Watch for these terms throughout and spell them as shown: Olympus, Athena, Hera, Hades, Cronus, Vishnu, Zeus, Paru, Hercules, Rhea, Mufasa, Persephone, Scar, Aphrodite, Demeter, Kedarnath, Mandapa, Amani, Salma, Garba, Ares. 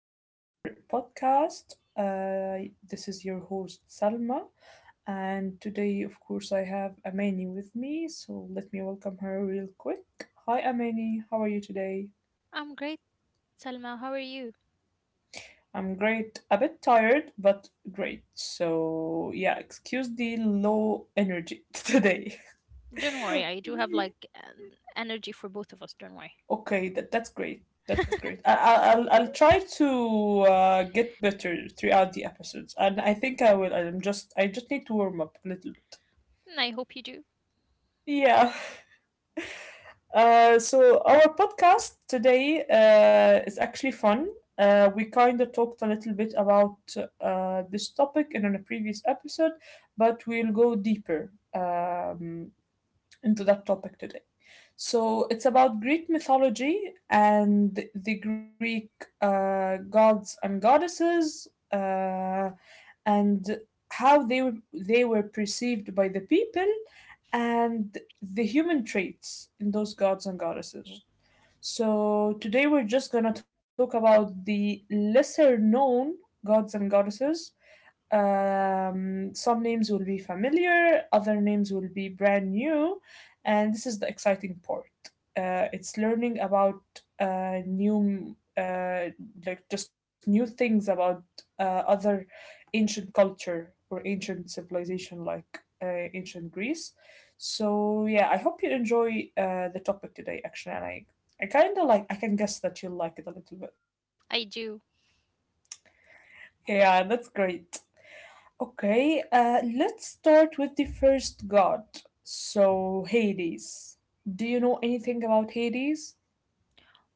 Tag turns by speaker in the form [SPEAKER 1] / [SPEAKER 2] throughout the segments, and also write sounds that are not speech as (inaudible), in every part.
[SPEAKER 1] to our podcast. This is your host, Salma, and today, of course, I have Amani with me, so let me welcome her real quick. Hi, Amani, how are you today?
[SPEAKER 2] I'm great, Salma. How are you?
[SPEAKER 1] I'm great, a bit tired, but great. So, yeah, excuse the low energy (laughs) today.
[SPEAKER 2] Don't
[SPEAKER 1] (laughs)
[SPEAKER 2] worry, I do have like an energy for both of us, don't worry.
[SPEAKER 1] Okay, that's great. That's great. I'll try to get better throughout the episodes, and I think I will. I just need to warm up a little bit.
[SPEAKER 2] And I hope you do.
[SPEAKER 1] Yeah. So our podcast today is actually fun. We kind of talked a little bit about this topic in a previous episode, but we'll go deeper into that topic today. So it's about Greek mythology and the Greek gods and goddesses and how they were perceived by the people and the human traits in those gods and goddesses. So today we're just gonna talk about the lesser known gods and goddesses, some names will be familiar, other names will be brand new, and this is the exciting part. It's learning about uh, new, uh, like just new things about other ancient culture or ancient civilization, like ancient Greece. So yeah, I hope you enjoy the topic today, actually, and I kind of like. I can guess that you'll like it a little bit.
[SPEAKER 2] I do.
[SPEAKER 1] Yeah, that's great. Okay, let's start with the first god. So, Hades. Do you know anything about Hades?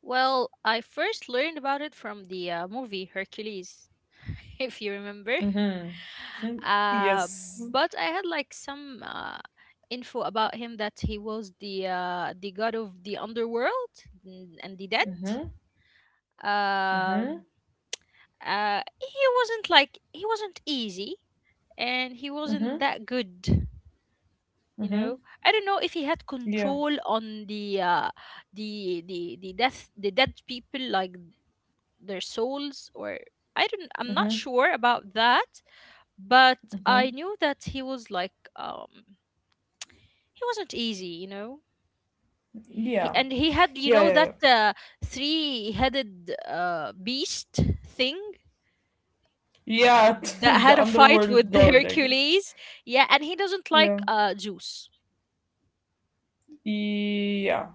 [SPEAKER 2] Well, I first learned about it from the movie Hercules, (laughs) if you remember.
[SPEAKER 1] Mm-hmm. hmm
[SPEAKER 2] Uh,
[SPEAKER 1] Yes.
[SPEAKER 2] but I had like some info about him that he was the god of the underworld and the dead.
[SPEAKER 1] Mm-hmm. Mm-hmm.
[SPEAKER 2] Um, he wasn't easy, and he wasn't
[SPEAKER 1] Mm-hmm.
[SPEAKER 2] that good you
[SPEAKER 1] Mm-hmm.
[SPEAKER 2] know I don't know if he had
[SPEAKER 1] Yeah.
[SPEAKER 2] control on the dead people, like their souls, or I'm not
[SPEAKER 1] Mm-hmm.
[SPEAKER 2] sure about that. But I
[SPEAKER 1] Mm-hmm.
[SPEAKER 2] knew that he was, like, he wasn't easy. he
[SPEAKER 1] Yeah.
[SPEAKER 2] and he had,
[SPEAKER 1] Yeah, yeah, yeah.
[SPEAKER 2] that three-headed beast thing
[SPEAKER 1] Yeah, (laughs)
[SPEAKER 2] that
[SPEAKER 1] the
[SPEAKER 2] had a fight
[SPEAKER 1] underworld
[SPEAKER 2] with (laughs)
[SPEAKER 1] god, I guess.
[SPEAKER 2] Hercules. Yeah, and he doesn't like
[SPEAKER 1] Yeah.
[SPEAKER 2] Zeus.
[SPEAKER 1] Yeah.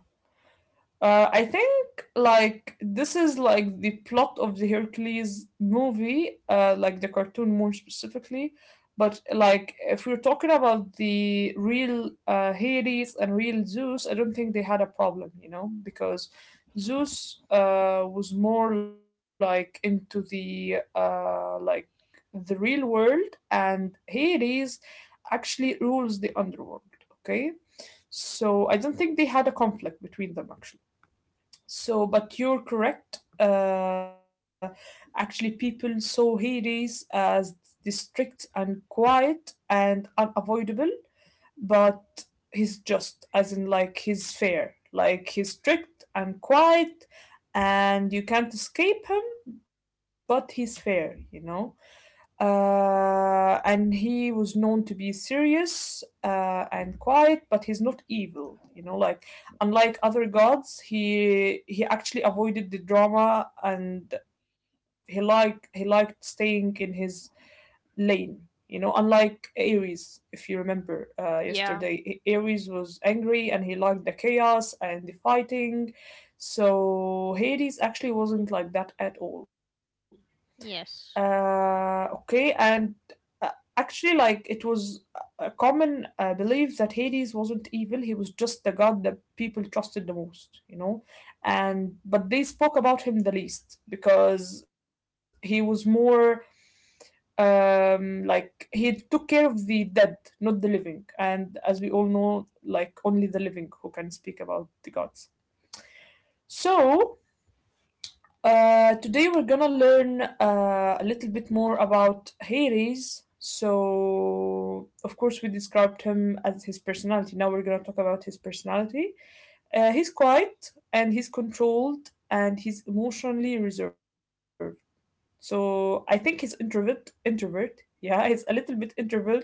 [SPEAKER 1] I think like this is like the plot of the Hercules movie, like the cartoon more specifically. But like if we're talking about the real Hades and real Zeus, I don't think they had a problem, you know, because Zeus was more like into the like the real world, and Hades actually rules the underworld. Okay, so I don't think they had a conflict between them actually. So, but you're correct. Actually, people saw Hades as strict and quiet and unavoidable, but he's just, as in, like, he's fair. Like, he's strict and quiet, and you can't escape him, but he's fair, you know? And he was known to be serious and quiet, but he's not evil. You know, like unlike other gods, he actually avoided the drama and he liked staying in his lane. You know, unlike Ares, if you remember
[SPEAKER 2] Yeah.
[SPEAKER 1] yesterday, Ares was angry and he liked the chaos and the fighting. So Hades actually wasn't like that at all.
[SPEAKER 2] Yes.
[SPEAKER 1] Okay, and uh, actually, like it was a common belief that Hades wasn't evil; he was just the god that people trusted the most, you know. And but they spoke about him the least because he was more, like he took care of the dead, not the living. And as we all know, like only the living who can speak about the gods. So today we're gonna learn a little bit more about Hades. So, of course, we described him as his personality. Now we're gonna talk about his personality. He's quiet and he's controlled and he's emotionally reserved. So I think he's introvert. Yeah, he's a little bit introvert,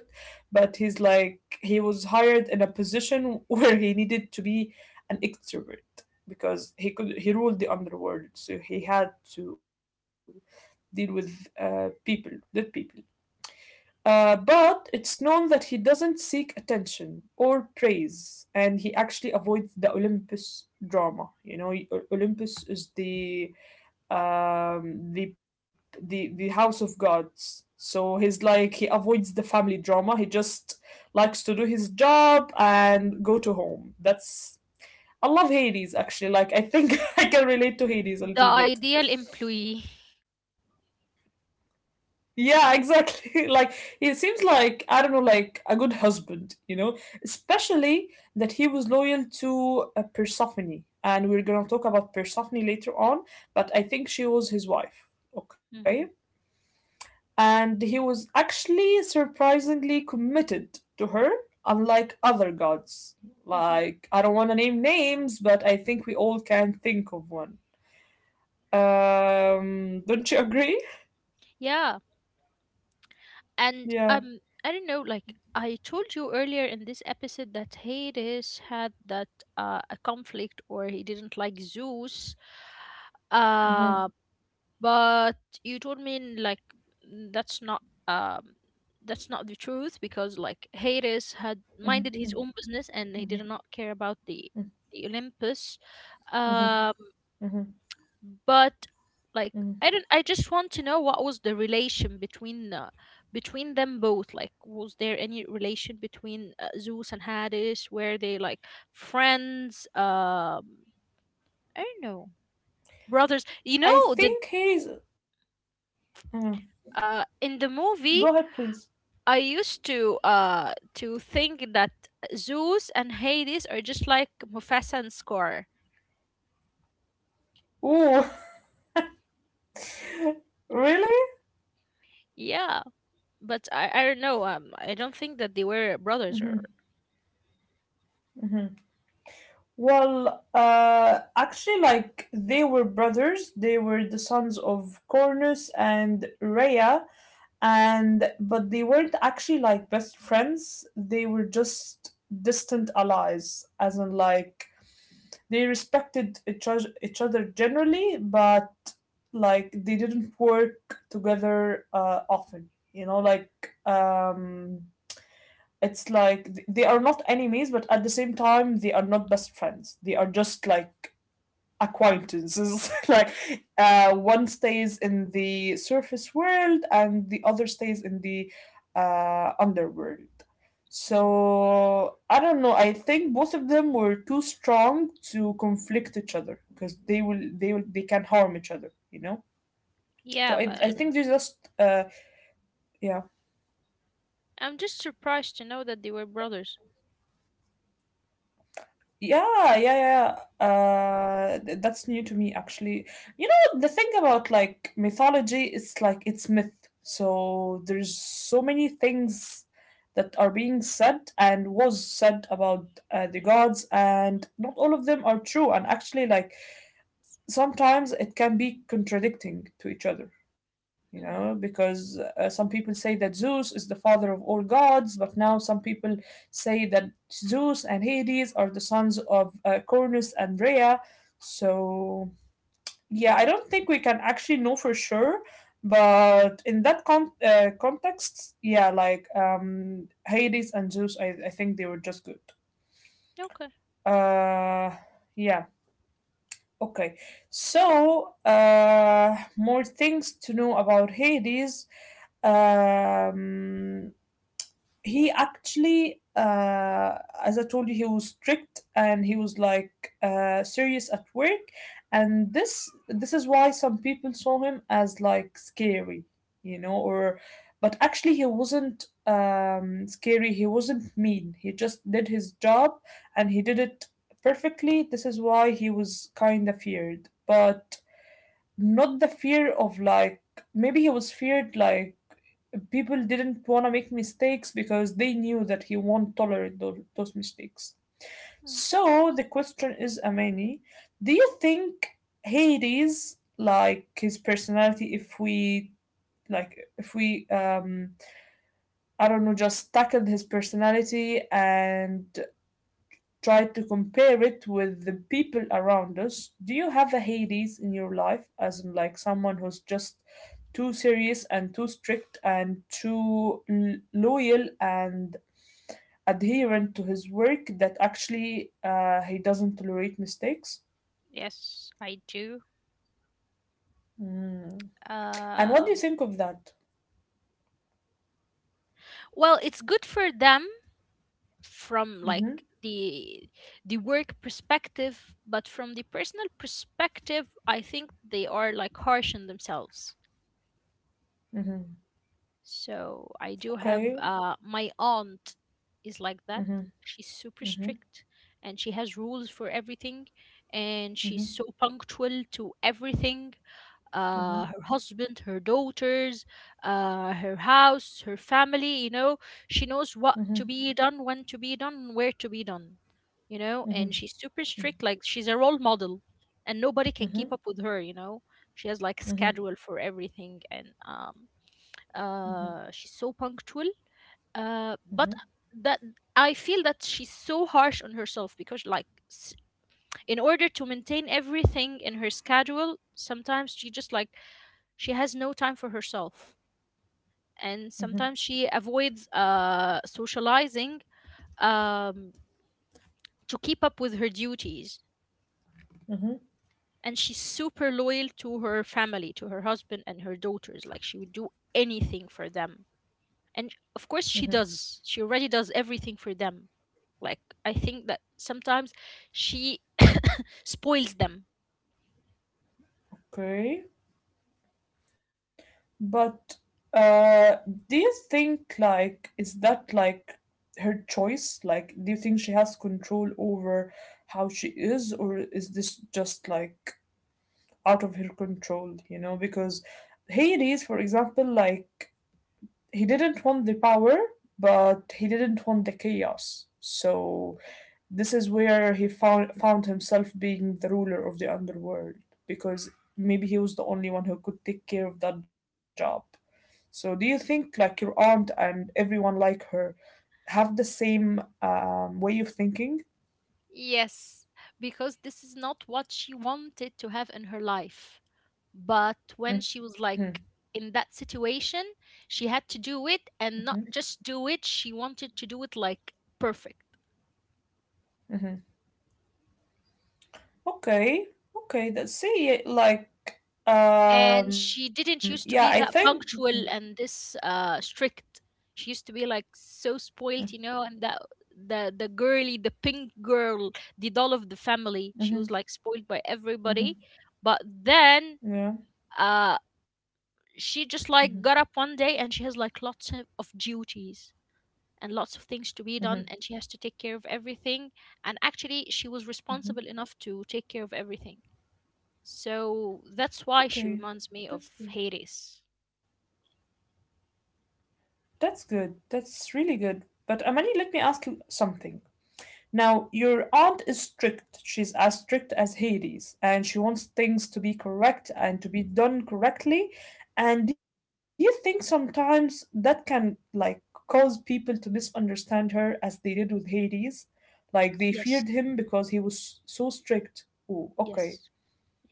[SPEAKER 1] but he's like he was hired in a position (laughs) where he needed to be an extrovert because he ruled the underworld, so he had to deal with people, dead people. But it's known that he doesn't seek attention or praise, and he actually avoids the Olympus drama. You know, Olympus is the, um the the house of gods, so he's like he avoids the family drama. He just likes to do his job and go to home. That's, I love Hades actually. Like I think (laughs) I can relate to Hades a
[SPEAKER 2] The
[SPEAKER 1] little bit.
[SPEAKER 2] ideal employee.
[SPEAKER 1] Yeah, exactly. (laughs) Like he seems like, I don't know, like a good husband, you know, especially that he was loyal to Persephone, and we're gonna talk about Persephone later on, but I think she was his wife. Okay,
[SPEAKER 2] Mm-hmm.
[SPEAKER 1] and he was actually surprisingly committed to her, unlike other gods.
[SPEAKER 2] Mm-hmm.
[SPEAKER 1] Like, I don't want to name names, but I think we all can think of one. Don't you agree?
[SPEAKER 2] Yeah. And
[SPEAKER 1] Yeah.
[SPEAKER 2] I don't know, like I told you earlier in this episode that Hades had that a conflict, or he didn't like Zeus. Uh
[SPEAKER 1] hmm
[SPEAKER 2] but you told me, like, n- that's not um that's not the truth, because like Hades had minded his own business and he did
[SPEAKER 1] hmm
[SPEAKER 2] not care about the Olympus. uh,
[SPEAKER 1] hmm hmm
[SPEAKER 2] but like, I
[SPEAKER 1] hmm
[SPEAKER 2] don't I just want to know what was the relation between, between them both. Like, was there any relation between, Zeus and Hades? Were they like friends, I don't know, brothers, you know?
[SPEAKER 1] I
[SPEAKER 2] That,
[SPEAKER 1] think he's. Mm.
[SPEAKER 2] in the
[SPEAKER 1] Go ahead,
[SPEAKER 2] movie
[SPEAKER 1] please.
[SPEAKER 2] I used to, think that Zeus and Hades are just like Mufasa and Scar.
[SPEAKER 1] Ooh, (laughs) really?
[SPEAKER 2] Yeah, but I don't know, I don't think that they were brothers, or
[SPEAKER 1] hmm Well, actually, like they were brothers. They were the sons of Cornus and Rhea, and but they weren't actually like best friends. They were just distant allies, as in like they respected each other generally, but like they didn't work together often, you know, like it's like they are not enemies, but at the same time they are not best friends. They are just like acquaintances. (laughs) Like one stays in the surface world and the other stays in the underworld.
[SPEAKER 2] mm,
[SPEAKER 1] So I don't know. I think both of them were too strong to conflict each other because they can harm each other. You know. So
[SPEAKER 2] yeah.
[SPEAKER 1] I
[SPEAKER 2] But
[SPEAKER 1] I
[SPEAKER 2] I
[SPEAKER 1] think they just yeah
[SPEAKER 2] I'm just surprised to know that they were brothers.
[SPEAKER 1] Yeah, yeah, yeah. Yeah. That's new to me, actually. You know, the thing about like mythology is like it's myth. So there's so many things that are being said and was said about the gods, and not all of them are true. And actually, like sometimes it can be contradicting to each other, you know,
[SPEAKER 2] Hmm.
[SPEAKER 1] because some people say that Zeus is the father of all gods, but now some people say that Zeus and Hades are the sons of Cronus and Rhea. So, yeah, I don't think we can actually know for sure. But in that context, yeah, like Hades and Zeus, I think they were just good.
[SPEAKER 2] Okay.
[SPEAKER 1] Uh, yeah. Okay, so more things to know about Hades. Um, he actually as I told you, he was strict and he was like serious at work, and this is why some people saw him as like scary, you know, or but actually he wasn't scary, he wasn't mean. He just did his job, and he did it perfectly. This is why he was kind of feared, but not the fear of like, maybe he was feared like people didn't want to make mistakes because they knew that he won't tolerate those mistakes.
[SPEAKER 2] Hmm.
[SPEAKER 1] So the question is, Amani, do you think Hades, like his personality, if we like if we I don't know, just tackled his personality and try to compare it with the people around us. Do you have a Hades in your life, as in like someone who's just too serious and too strict and too loyal and adherent to his work that actually he doesn't tolerate mistakes?
[SPEAKER 2] Yes, I do.
[SPEAKER 1] Mm. And what do
[SPEAKER 2] Uh,
[SPEAKER 1] you think of that?
[SPEAKER 2] well, it's good for them from, like,
[SPEAKER 1] Mm-hmm.
[SPEAKER 2] the the work perspective, but from the personal perspective, I think they are like harsh on themselves.
[SPEAKER 1] Mm-hmm.
[SPEAKER 2] So I do have
[SPEAKER 1] Okay.
[SPEAKER 2] my aunt is like that. She's
[SPEAKER 1] Mm-hmm.
[SPEAKER 2] super strict
[SPEAKER 1] Mm-hmm.
[SPEAKER 2] and she has rules for everything, and she's so
[SPEAKER 1] Mm-hmm.
[SPEAKER 2] punctual to everything. Her
[SPEAKER 1] Mm-hmm.
[SPEAKER 2] husband, her daughters, her house, her family. You know, she knows what to be done,
[SPEAKER 1] Mm-hmm.
[SPEAKER 2] when to be done, and where to be done. You know, and she's super
[SPEAKER 1] Mm-hmm.
[SPEAKER 2] strict. Like, she's a role model, and nobody can keep up with her. You
[SPEAKER 1] Mm-hmm.
[SPEAKER 2] know, she has like a schedule for
[SPEAKER 1] Mm-hmm.
[SPEAKER 2] everything, and she's so punctual. But
[SPEAKER 1] Mm-hmm.
[SPEAKER 2] that I feel that she's so harsh on herself, because like, s- in order to maintain everything in her schedule, sometimes she just like she has no time for herself, and sometimes she avoids socializing, um, to keep up with her duties.
[SPEAKER 1] Mm-hmm.
[SPEAKER 2] And she's super loyal to her family, to her husband and her daughters. Like, she would do anything for them. And of course, she
[SPEAKER 1] Mm-hmm.
[SPEAKER 2] does. She already does everything for them. Like, I think that sometimes she (coughs) spoils them.
[SPEAKER 1] Okay. But uh, do you think like is that like her choice? Like, do you think she has control over how she is, or is this just like out of her control? You know, because Hades, for example, like he didn't want the power, but he didn't want the chaos. So this is where he found himself being the ruler of the underworld because maybe he was the only one who could take care of that job. So, do you think like your aunt and everyone like her have the same way of thinking?
[SPEAKER 2] Yes, because this is not what she wanted to have in her life. But when
[SPEAKER 1] Mm-hmm,
[SPEAKER 2] she was like in that situation, she had to do it,
[SPEAKER 1] mm-hmm,
[SPEAKER 2] and not just do it, she wanted to do it like perfect.
[SPEAKER 1] mm-hmm. Okay, okay. Let's see, like,
[SPEAKER 2] And she
[SPEAKER 1] yeah, I
[SPEAKER 2] didn't used
[SPEAKER 1] think.
[SPEAKER 2] to be
[SPEAKER 1] Mm-hmm,
[SPEAKER 2] that punctual and this strict. She used to be like so spoiled, and that the girly, the pink girl, the doll of the family. She
[SPEAKER 1] mm-hmm,
[SPEAKER 2] was like spoiled by
[SPEAKER 1] mm-hmm,
[SPEAKER 2] everybody. But then
[SPEAKER 1] yeah.
[SPEAKER 2] uh
[SPEAKER 1] Mm-hmm,
[SPEAKER 2] she just like got up one day, and she has like lots of duties and lots of things to be
[SPEAKER 1] mm-hmm,
[SPEAKER 2] done, and she has to take care of everything. And actually, she was
[SPEAKER 1] mm-hmm.
[SPEAKER 2] responsible enough to take care of everything. So that's why she
[SPEAKER 1] Okay,
[SPEAKER 2] reminds me of
[SPEAKER 1] that's good.
[SPEAKER 2] Hades.
[SPEAKER 1] That's good. That's really good. But Amani, let me ask you something. Now, your aunt is strict. She's as strict as Hades, and she wants things to be correct and to be done correctly. And do you think sometimes that can like cause people to misunderstand her as they did with Hades? Like they feared
[SPEAKER 2] Yes,
[SPEAKER 1] him because he was so strict. Oh, okay.
[SPEAKER 2] yes,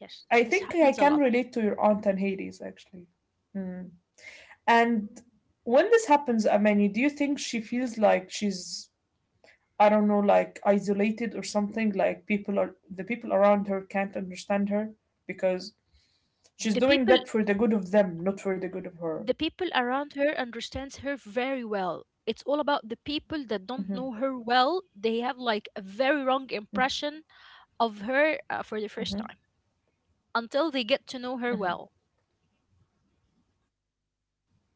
[SPEAKER 2] yes.
[SPEAKER 1] I
[SPEAKER 2] This
[SPEAKER 1] think I
[SPEAKER 2] happens a
[SPEAKER 1] can
[SPEAKER 2] lot.
[SPEAKER 1] relate to your aunt and Hades actually. Hmm. And when this happens, Amani, do you think she feels like she's, I don't know, like isolated or something? Like people are, the people around her can't understand her because she's
[SPEAKER 2] The
[SPEAKER 1] doing
[SPEAKER 2] people,
[SPEAKER 1] that for the good of them, not for the good of her.
[SPEAKER 2] the people around her understands her very well. It's all about the people that don't know her well. They have like a very wrong impression of her, for the first time until they get to know her well.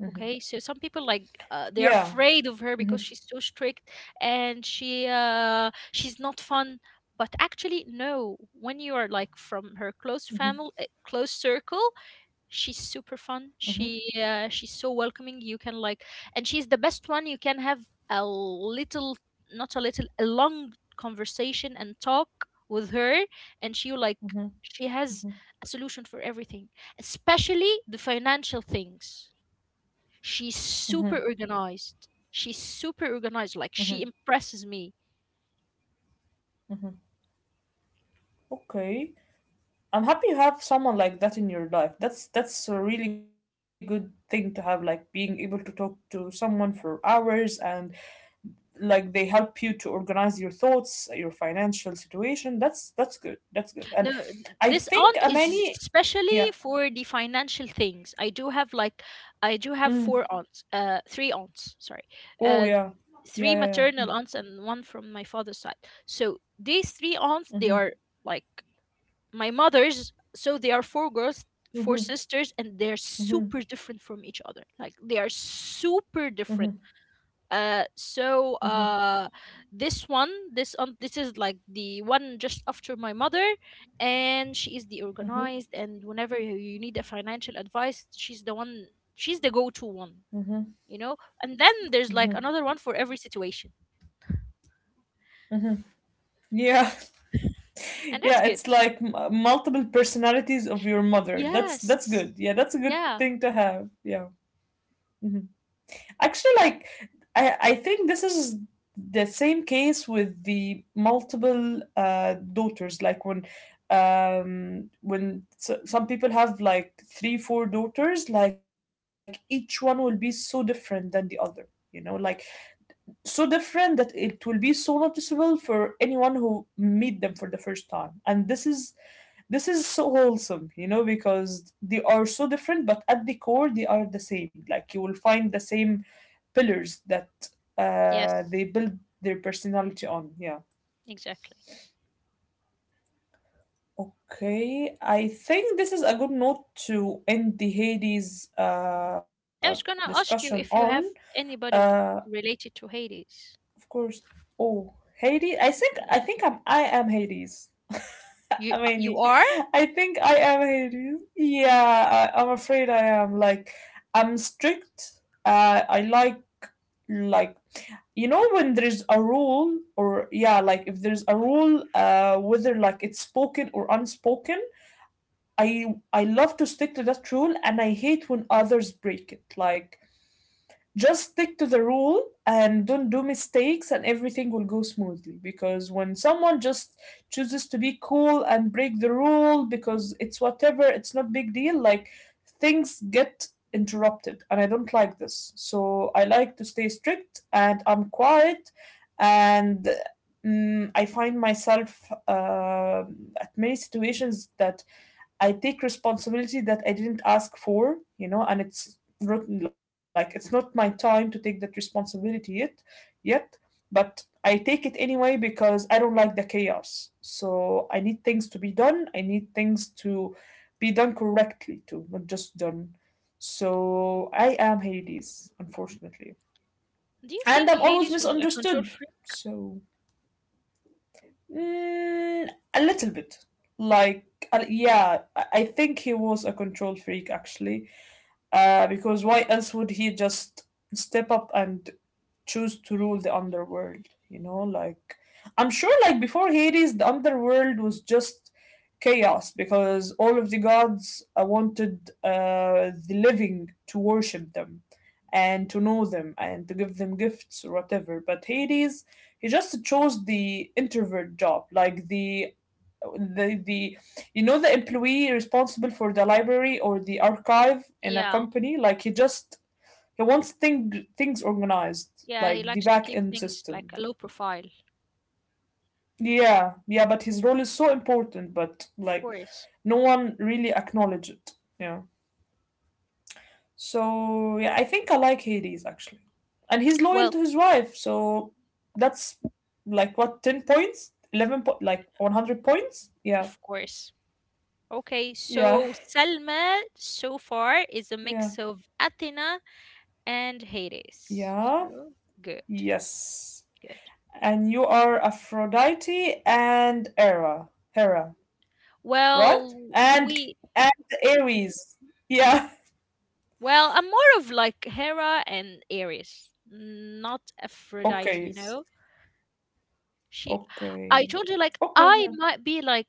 [SPEAKER 2] Okay, so some people, like,
[SPEAKER 1] Yeah.
[SPEAKER 2] they're afraid of her because she's so strict, and she's not fun. But actually no, when you are like from her close family, close circle, she's super fun. She's so welcoming. You can like and she's the best one you can have a little not a little a long conversation and talk with her. And she will, like
[SPEAKER 1] hmm
[SPEAKER 2] she has a solution for everything, especially the financial things. She's super organized, like, she impresses me.
[SPEAKER 1] Okay. I'm happy you have someone like that in your life. That's a really good thing to have, like being able to talk to someone for hours and like they help you to organize your thoughts, your financial situation. That's good, that's good, and
[SPEAKER 2] No,
[SPEAKER 1] I
[SPEAKER 2] this
[SPEAKER 1] think
[SPEAKER 2] aunt is
[SPEAKER 1] Amani, yeah.
[SPEAKER 2] especially for the financial things. I do have four
[SPEAKER 1] Mm.
[SPEAKER 2] aunts, three aunts, sorry,
[SPEAKER 1] Oh
[SPEAKER 2] uh,
[SPEAKER 1] yeah, yeah,
[SPEAKER 2] three
[SPEAKER 1] yeah, yeah.
[SPEAKER 2] maternal aunts and one from my father's side. So these three aunts, they
[SPEAKER 1] Mm-hmm.
[SPEAKER 2] are like my mother's. So they are four girls, four
[SPEAKER 1] Mm-hmm.
[SPEAKER 2] sisters, and they're
[SPEAKER 1] Mm-hmm.
[SPEAKER 2] super different from each other. Like, they are super different.
[SPEAKER 1] Mm-hmm.
[SPEAKER 2] uh, so
[SPEAKER 1] Mm-hmm.
[SPEAKER 2] uh, this one, this is like the one just after my mother, and she is the organized. And whenever you need a financial advice, she's the one. She's the go-to one, you know. And then there's like another one for every situation,
[SPEAKER 1] Yeah,
[SPEAKER 2] and
[SPEAKER 1] (laughs)
[SPEAKER 2] that's
[SPEAKER 1] yeah,
[SPEAKER 2] good.
[SPEAKER 1] it's like multiple personalities of your mother. That's
[SPEAKER 2] Yes.
[SPEAKER 1] good, yeah. That's a good
[SPEAKER 2] Yeah.
[SPEAKER 1] thing to have, yeah. Mhm. Actually, like I think this is the same case with the multiple daughters. Like when some people have like three, four daughters, like each one will be so different than the other. You know, like so different that it will be so noticeable for anyone who meet them for the first time. And this is so wholesome, you know, because they are so different, but at the core they are the same. Like you will find the same pillars that
[SPEAKER 2] Yes.
[SPEAKER 1] they build their personality on. Yeah.
[SPEAKER 2] Exactly.
[SPEAKER 1] Okay. I think this is a good note to end the Hades
[SPEAKER 2] I was gonna
[SPEAKER 1] discussion
[SPEAKER 2] ask you
[SPEAKER 1] on.
[SPEAKER 2] if you have
[SPEAKER 1] Uh,
[SPEAKER 2] anybody related to Hades.
[SPEAKER 1] of course. Oh, Hades. I think I'm. I am Hades. (laughs)
[SPEAKER 2] You
[SPEAKER 1] I
[SPEAKER 2] uh, you
[SPEAKER 1] mean,
[SPEAKER 2] are?
[SPEAKER 1] I think I am Hades. Yeah, I'm afraid I am. Like, I'm strict. I like like you know, when there's a rule, or yeah, like if there's a rule, whether like it's spoken or unspoken, I love to stick to that rule, and I hate when others break it. Like, just stick to the rule and don't do mistakes, and everything will go smoothly. Because when someone just chooses to be cool and break the rule because it's whatever, it's not big deal, like things get interrupted, and I don't like this. So I like to stay strict, and I'm quiet, and I find myself at many situations that I take responsibility that I didn't ask for, you know, and it's not like it's not my time to take that responsibility yet, yet, but I take it anyway because I don't like the chaos. So I need things to be done. I need things to be done correctly too, not just done. So I am Hades, unfortunately,
[SPEAKER 2] Do you
[SPEAKER 1] and
[SPEAKER 2] think
[SPEAKER 1] I'm always
[SPEAKER 2] Hades was a control
[SPEAKER 1] misunderstood.
[SPEAKER 2] freak?
[SPEAKER 1] So Mm, a little bit. Like, yeah, I think he was a control freak, actually. Because why else would he just step up and choose to rule the underworld? You know, like I'm sure like before Hades the underworld was just chaos because all of the gods wanted the living to worship them and to know them and to give them gifts or whatever. But Hades, he just chose the introvert job, like the you know, the employee responsible for the library or the archive in a
[SPEAKER 2] Yeah.
[SPEAKER 1] company. Like, he just things organized,
[SPEAKER 2] Yeah, he
[SPEAKER 1] like the
[SPEAKER 2] likes to
[SPEAKER 1] back
[SPEAKER 2] keep
[SPEAKER 1] end
[SPEAKER 2] things like
[SPEAKER 1] system.
[SPEAKER 2] a low profile,
[SPEAKER 1] Yeah, yeah, but his role is so important, but
[SPEAKER 2] of
[SPEAKER 1] like
[SPEAKER 2] course.
[SPEAKER 1] no one really acknowledges it. Yeah. So yeah, I think I like Hades actually. And he's loyal
[SPEAKER 2] Well,
[SPEAKER 1] to his wife, so that's like what, 10 points? Like 100 points? Yeah.
[SPEAKER 2] of course. Okay,
[SPEAKER 1] Yeah.
[SPEAKER 2] so Selma so far is a
[SPEAKER 1] Yeah.
[SPEAKER 2] mix of Athena and Hades.
[SPEAKER 1] Yeah.
[SPEAKER 2] So, good,
[SPEAKER 1] Yes.
[SPEAKER 2] good.
[SPEAKER 1] And you are Aphrodite and Hera. Hera. Right?
[SPEAKER 2] Well,
[SPEAKER 1] And
[SPEAKER 2] we
[SPEAKER 1] and Aries. Yeah. (laughs)
[SPEAKER 2] I'm more of like Hera and Ares, not Aphrodite,
[SPEAKER 1] Okay.
[SPEAKER 2] you know. She I
[SPEAKER 1] Okay.
[SPEAKER 2] told you like
[SPEAKER 1] Okay.
[SPEAKER 2] I
[SPEAKER 1] Yeah.
[SPEAKER 2] might be like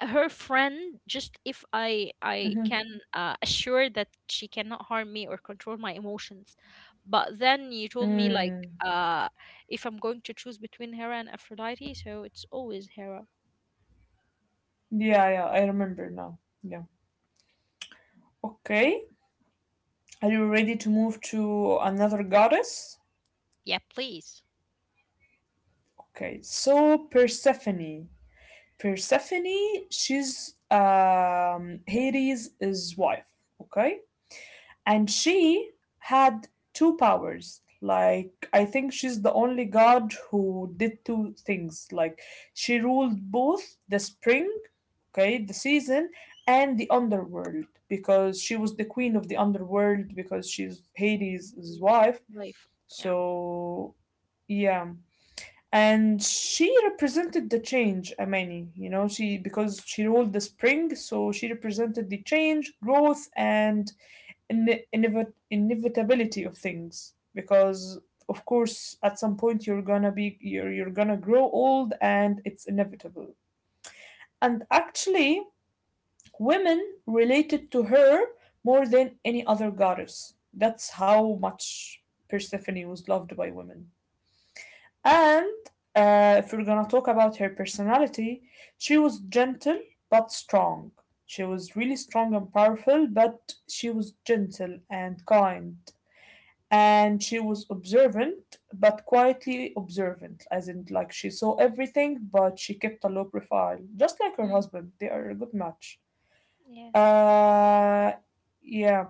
[SPEAKER 2] her friend just if I
[SPEAKER 1] Mm-hmm.
[SPEAKER 2] can assure that she cannot harm me or control my emotions. But then you told me, like,
[SPEAKER 1] Mm.
[SPEAKER 2] uh if I'm going to choose between Hera and Aphrodite, so it's always Hera.
[SPEAKER 1] Yeah. Yeah, I remember now. Yeah. Okay. Are you ready to move to another goddess?
[SPEAKER 2] Yeah, please.
[SPEAKER 1] Okay. So Persephone. Persephone. She's Hades' wife. Okay. And she had two powers. Like, I think she's the only god who did two things. Like, she ruled both the spring, okay, the season, and the underworld, because she was the queen of the underworld because she's Hades'
[SPEAKER 2] Mm, mm.
[SPEAKER 1] wife.
[SPEAKER 2] Life. Yeah.
[SPEAKER 1] So yeah. And she represented the change, Amani, you know, she, because she ruled the spring, so she represented the change, growth, and inevitability of things, because of course at some point you're gonna be you're gonna grow old, and it's inevitable. And actually, women related to her more than any other goddess. That's how much Persephone was loved by women. And if we're gonna talk about her personality, she was gentle but strong. She was really strong and powerful, but she was gentle and kind. And she was observant, but quietly observant, as in like she saw everything but she kept a low profile, just like her
[SPEAKER 2] Mm,
[SPEAKER 1] husband. They are a good match.
[SPEAKER 2] yes.
[SPEAKER 1] uh, yeah.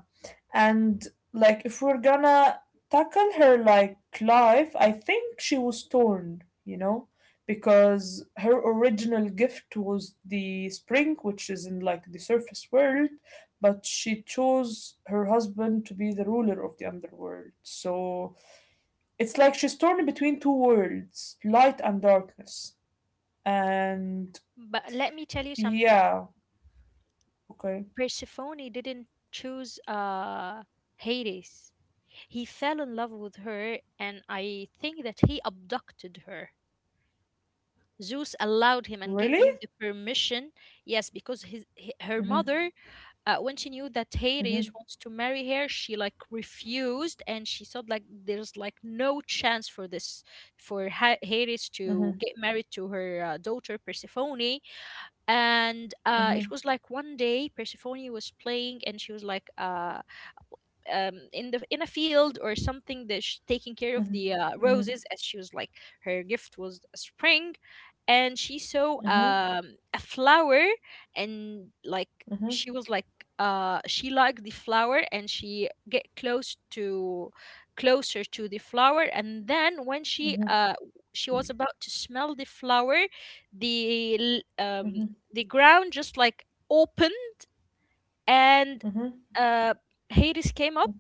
[SPEAKER 1] And like if we're gonna tackle her like life, I think she was torn, you know, because her original gift was the spring, which is in like the surface world, but she chose her husband to be the ruler of the underworld. So it's like she's torn between two worlds, light and darkness. And
[SPEAKER 2] But let me tell you something.
[SPEAKER 1] yeah, okay.
[SPEAKER 2] Persephone didn't choose, Hades. He fell in love with her, and I think that he abducted her. Zeus allowed him and gave
[SPEAKER 1] Really?
[SPEAKER 2] him the permission. Yes, because his her mother, when she knew that Hades wants to marry her, she like refused, and she thought like there's like no chance for this, for Hades to
[SPEAKER 1] Mm-hmm,
[SPEAKER 2] get married to her daughter Persephone. And
[SPEAKER 1] mm-hmm,
[SPEAKER 2] it was like one day Persephone was playing, and she was like in a field or something, that sh taking care of the
[SPEAKER 1] mm-hmm,
[SPEAKER 2] roses, as she was like, her gift was a spring. And she saw
[SPEAKER 1] mhm,
[SPEAKER 2] a flower, and
[SPEAKER 1] mhm,
[SPEAKER 2] she was like she liked the flower, and she get closer to the flower. And then, when
[SPEAKER 1] mhm,
[SPEAKER 2] she was about to smell the flower, the l- um,
[SPEAKER 1] mhm,
[SPEAKER 2] the ground just like opened, and
[SPEAKER 1] mhm,
[SPEAKER 2] uh, Hades came up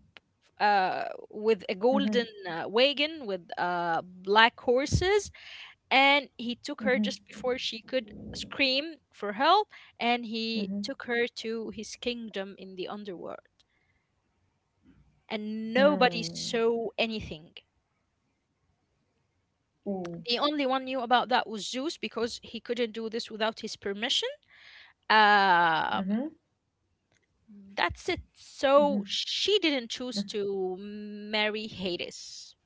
[SPEAKER 2] with a golden
[SPEAKER 1] mhm,
[SPEAKER 2] wagon with black horses, and he took her
[SPEAKER 1] mhm,
[SPEAKER 2] just before she could scream for help, and he
[SPEAKER 1] mhm.
[SPEAKER 2] took her to his kingdom in the underworld. And nobody
[SPEAKER 1] Mm.
[SPEAKER 2] saw anything.
[SPEAKER 1] Ooh.
[SPEAKER 2] The only one knew about that was Zeus, because he couldn't do this without his permission. Um,
[SPEAKER 1] Mhm,
[SPEAKER 2] that's it. So
[SPEAKER 1] mhm.
[SPEAKER 2] she didn't choose to marry Hades.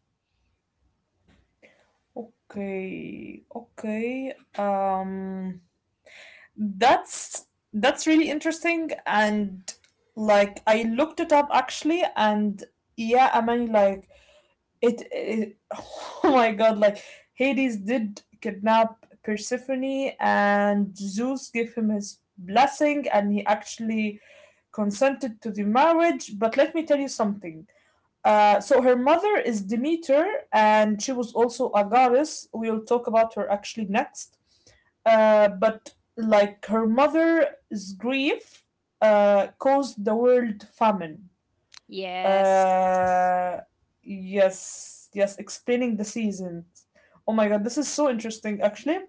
[SPEAKER 1] Okay, okay. That's that's really interesting, and like I looked it up actually, and yeah, I mean, like it (laughs) oh my God, like Hades did kidnap Persephone, and Zeus gave him his blessing, and he actually consented to the marriage. But let me tell you something. So her mother is Demeter, and she was also a goddess. We'll talk about her actually next. But like her mother's grief caused the world famine.
[SPEAKER 2] Yes.
[SPEAKER 1] Uh, yes, yes, explaining the seasons. Oh my god, this is so interesting actually.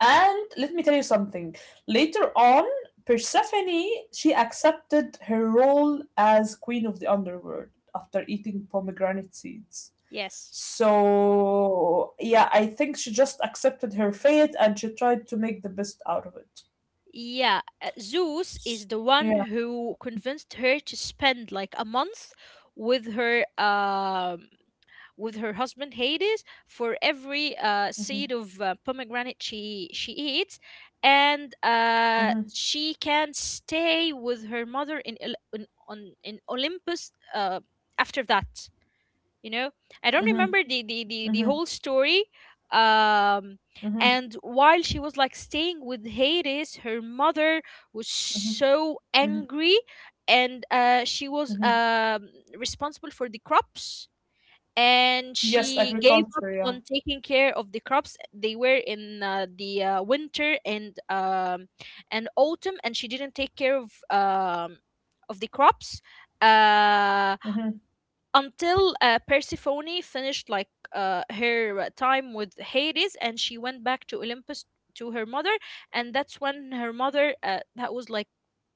[SPEAKER 1] And let me tell you something. Later on, Persephone, she accepted her role as queen of the underworld after eating pomegranate seeds.
[SPEAKER 2] Yes.
[SPEAKER 1] So yeah, I think she just accepted her fate and she tried to make the best out of it.
[SPEAKER 2] Yeah, Zeus is
[SPEAKER 1] S-
[SPEAKER 2] the one
[SPEAKER 1] Yeah.
[SPEAKER 2] who convinced her to spend like a month with her with her husband Hades for every
[SPEAKER 1] Mhm,
[SPEAKER 2] seed of pomegranate she eats, and
[SPEAKER 1] mhm,
[SPEAKER 2] she can stay with her mother in Olympus after that. you know I don't
[SPEAKER 1] mhm,
[SPEAKER 2] remember the
[SPEAKER 1] mhm,
[SPEAKER 2] whole story, um
[SPEAKER 1] mhm,
[SPEAKER 2] and while she was like staying with Hades, her mother was
[SPEAKER 1] mhm,
[SPEAKER 2] so
[SPEAKER 1] mhm,
[SPEAKER 2] angry. And she was
[SPEAKER 1] mhm.
[SPEAKER 2] responsible for the crops, and
[SPEAKER 1] Yes,
[SPEAKER 2] she gave up
[SPEAKER 1] agriculture. Yeah.
[SPEAKER 2] on taking care of the crops. They were in, the winter, and autumn, and she didn't take care of the crops uh
[SPEAKER 1] Mm-hmm.
[SPEAKER 2] until Persephone finished like her time with Hades, and she went back to Olympus to her mother. And that's when her mother, that was like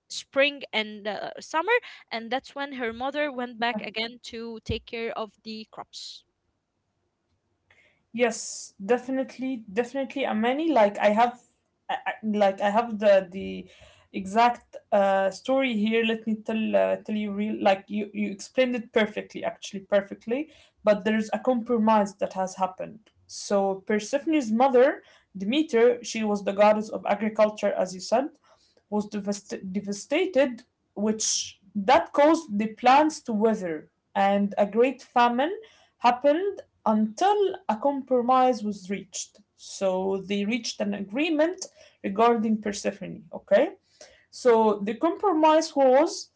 [SPEAKER 2] spring and summer, and that's when her mother went back again to take care of the crops.
[SPEAKER 1] Yes, definitely, definitely. And many, like I have, like I have the exact story here. Let me tell you real. Like, you explained it perfectly, actually perfectly. But there's a compromise that has happened. So Persephone's mother, Demeter, she was the goddess of agriculture, as you said, was devastated, which that caused the plants to wither, and a great famine happened until a compromise was reached. So they reached an agreement regarding Persephone, okay? So the compromise was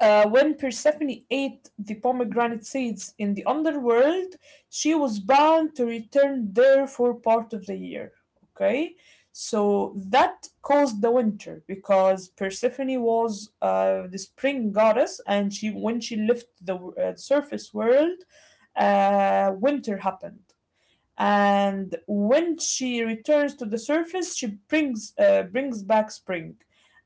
[SPEAKER 1] when Persephone ate the pomegranate seeds in the underworld, she was bound to return there for part of the year. Okay, so that caused the winter, because Persephone was the spring goddess, and she, when she left the surface world, winter happened. And when she returns to the surface, she brings brings back spring.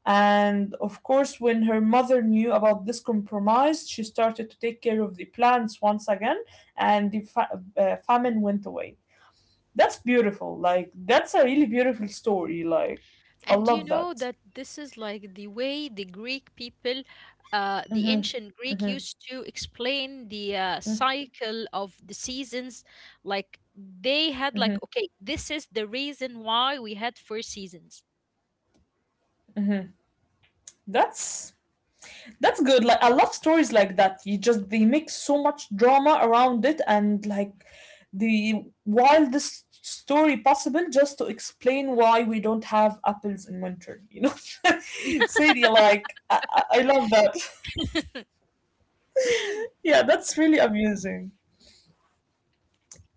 [SPEAKER 1] And of course, when her mother knew about this compromise, she started to take care of the plants once again, and the famine went away. That's beautiful. Like that's a really beautiful story. Like I
[SPEAKER 2] And you
[SPEAKER 1] love
[SPEAKER 2] know
[SPEAKER 1] that.
[SPEAKER 2] that this is like the way the Greek people, the
[SPEAKER 1] Hmm,
[SPEAKER 2] ancient Greek
[SPEAKER 1] hmm,
[SPEAKER 2] used to explain the cycle of the seasons. Like, they had
[SPEAKER 1] hmm.
[SPEAKER 2] like, okay, this is the reason why we had four seasons.
[SPEAKER 1] That's that's good. Like, I love stories like that. You just, they make so much drama around it and like the wildest story possible just to explain why we don't have apples in winter. You know, (laughs) Sadie, like I love that. (laughs) Yeah, that's really amusing.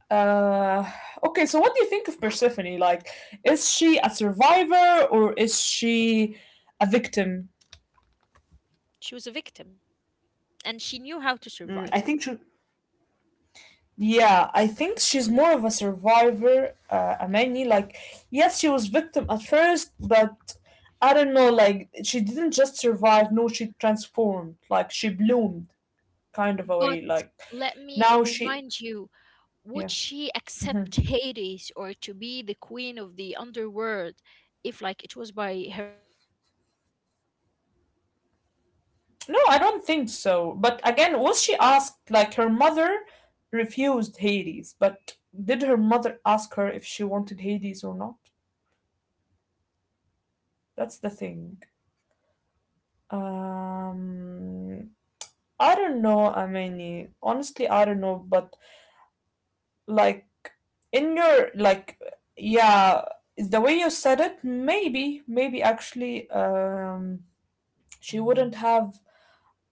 [SPEAKER 1] Uh, okay, so what do you think of Persephone? Like, is she a survivor, or is she a victim?
[SPEAKER 2] She was a victim, and she knew how to
[SPEAKER 1] Mm,
[SPEAKER 2] survive.
[SPEAKER 1] yeah, I think she's more of a survivor, Amani. Like, yes, she was victim at first, but I don't know, like, she didn't just survive, no, she transformed. Like, she bloomed, kind of a way. Like, now she, yeah. No, I don't think so. But again, was she asked, like, her mother refused Hades, but did her mother ask her if she wanted Hades or not? That's the thing. Um, I don't know. I mean, honestly, I don't know. But like in your like, yeah, the way you said it, maybe, maybe actually, she wouldn't have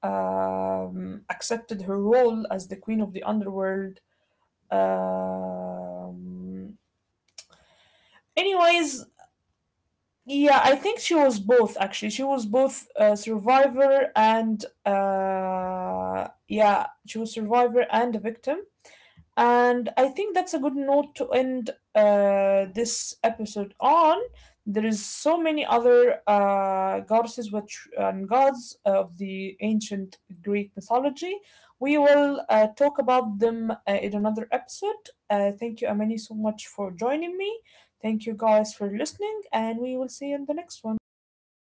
[SPEAKER 1] accepted her role as the queen of the underworld. Um, anyways, yeah, I think she was both. Actually, she was both a survivor and yeah, she was survivor and a victim. And I think that's a good note to end this episode on. There is so many other goddesses, and gods of the ancient Greek mythology. We will talk about them in another episode. Thank you, Amani, so much for joining me. Thank you guys for listening, and we will see you in the next one. Bye.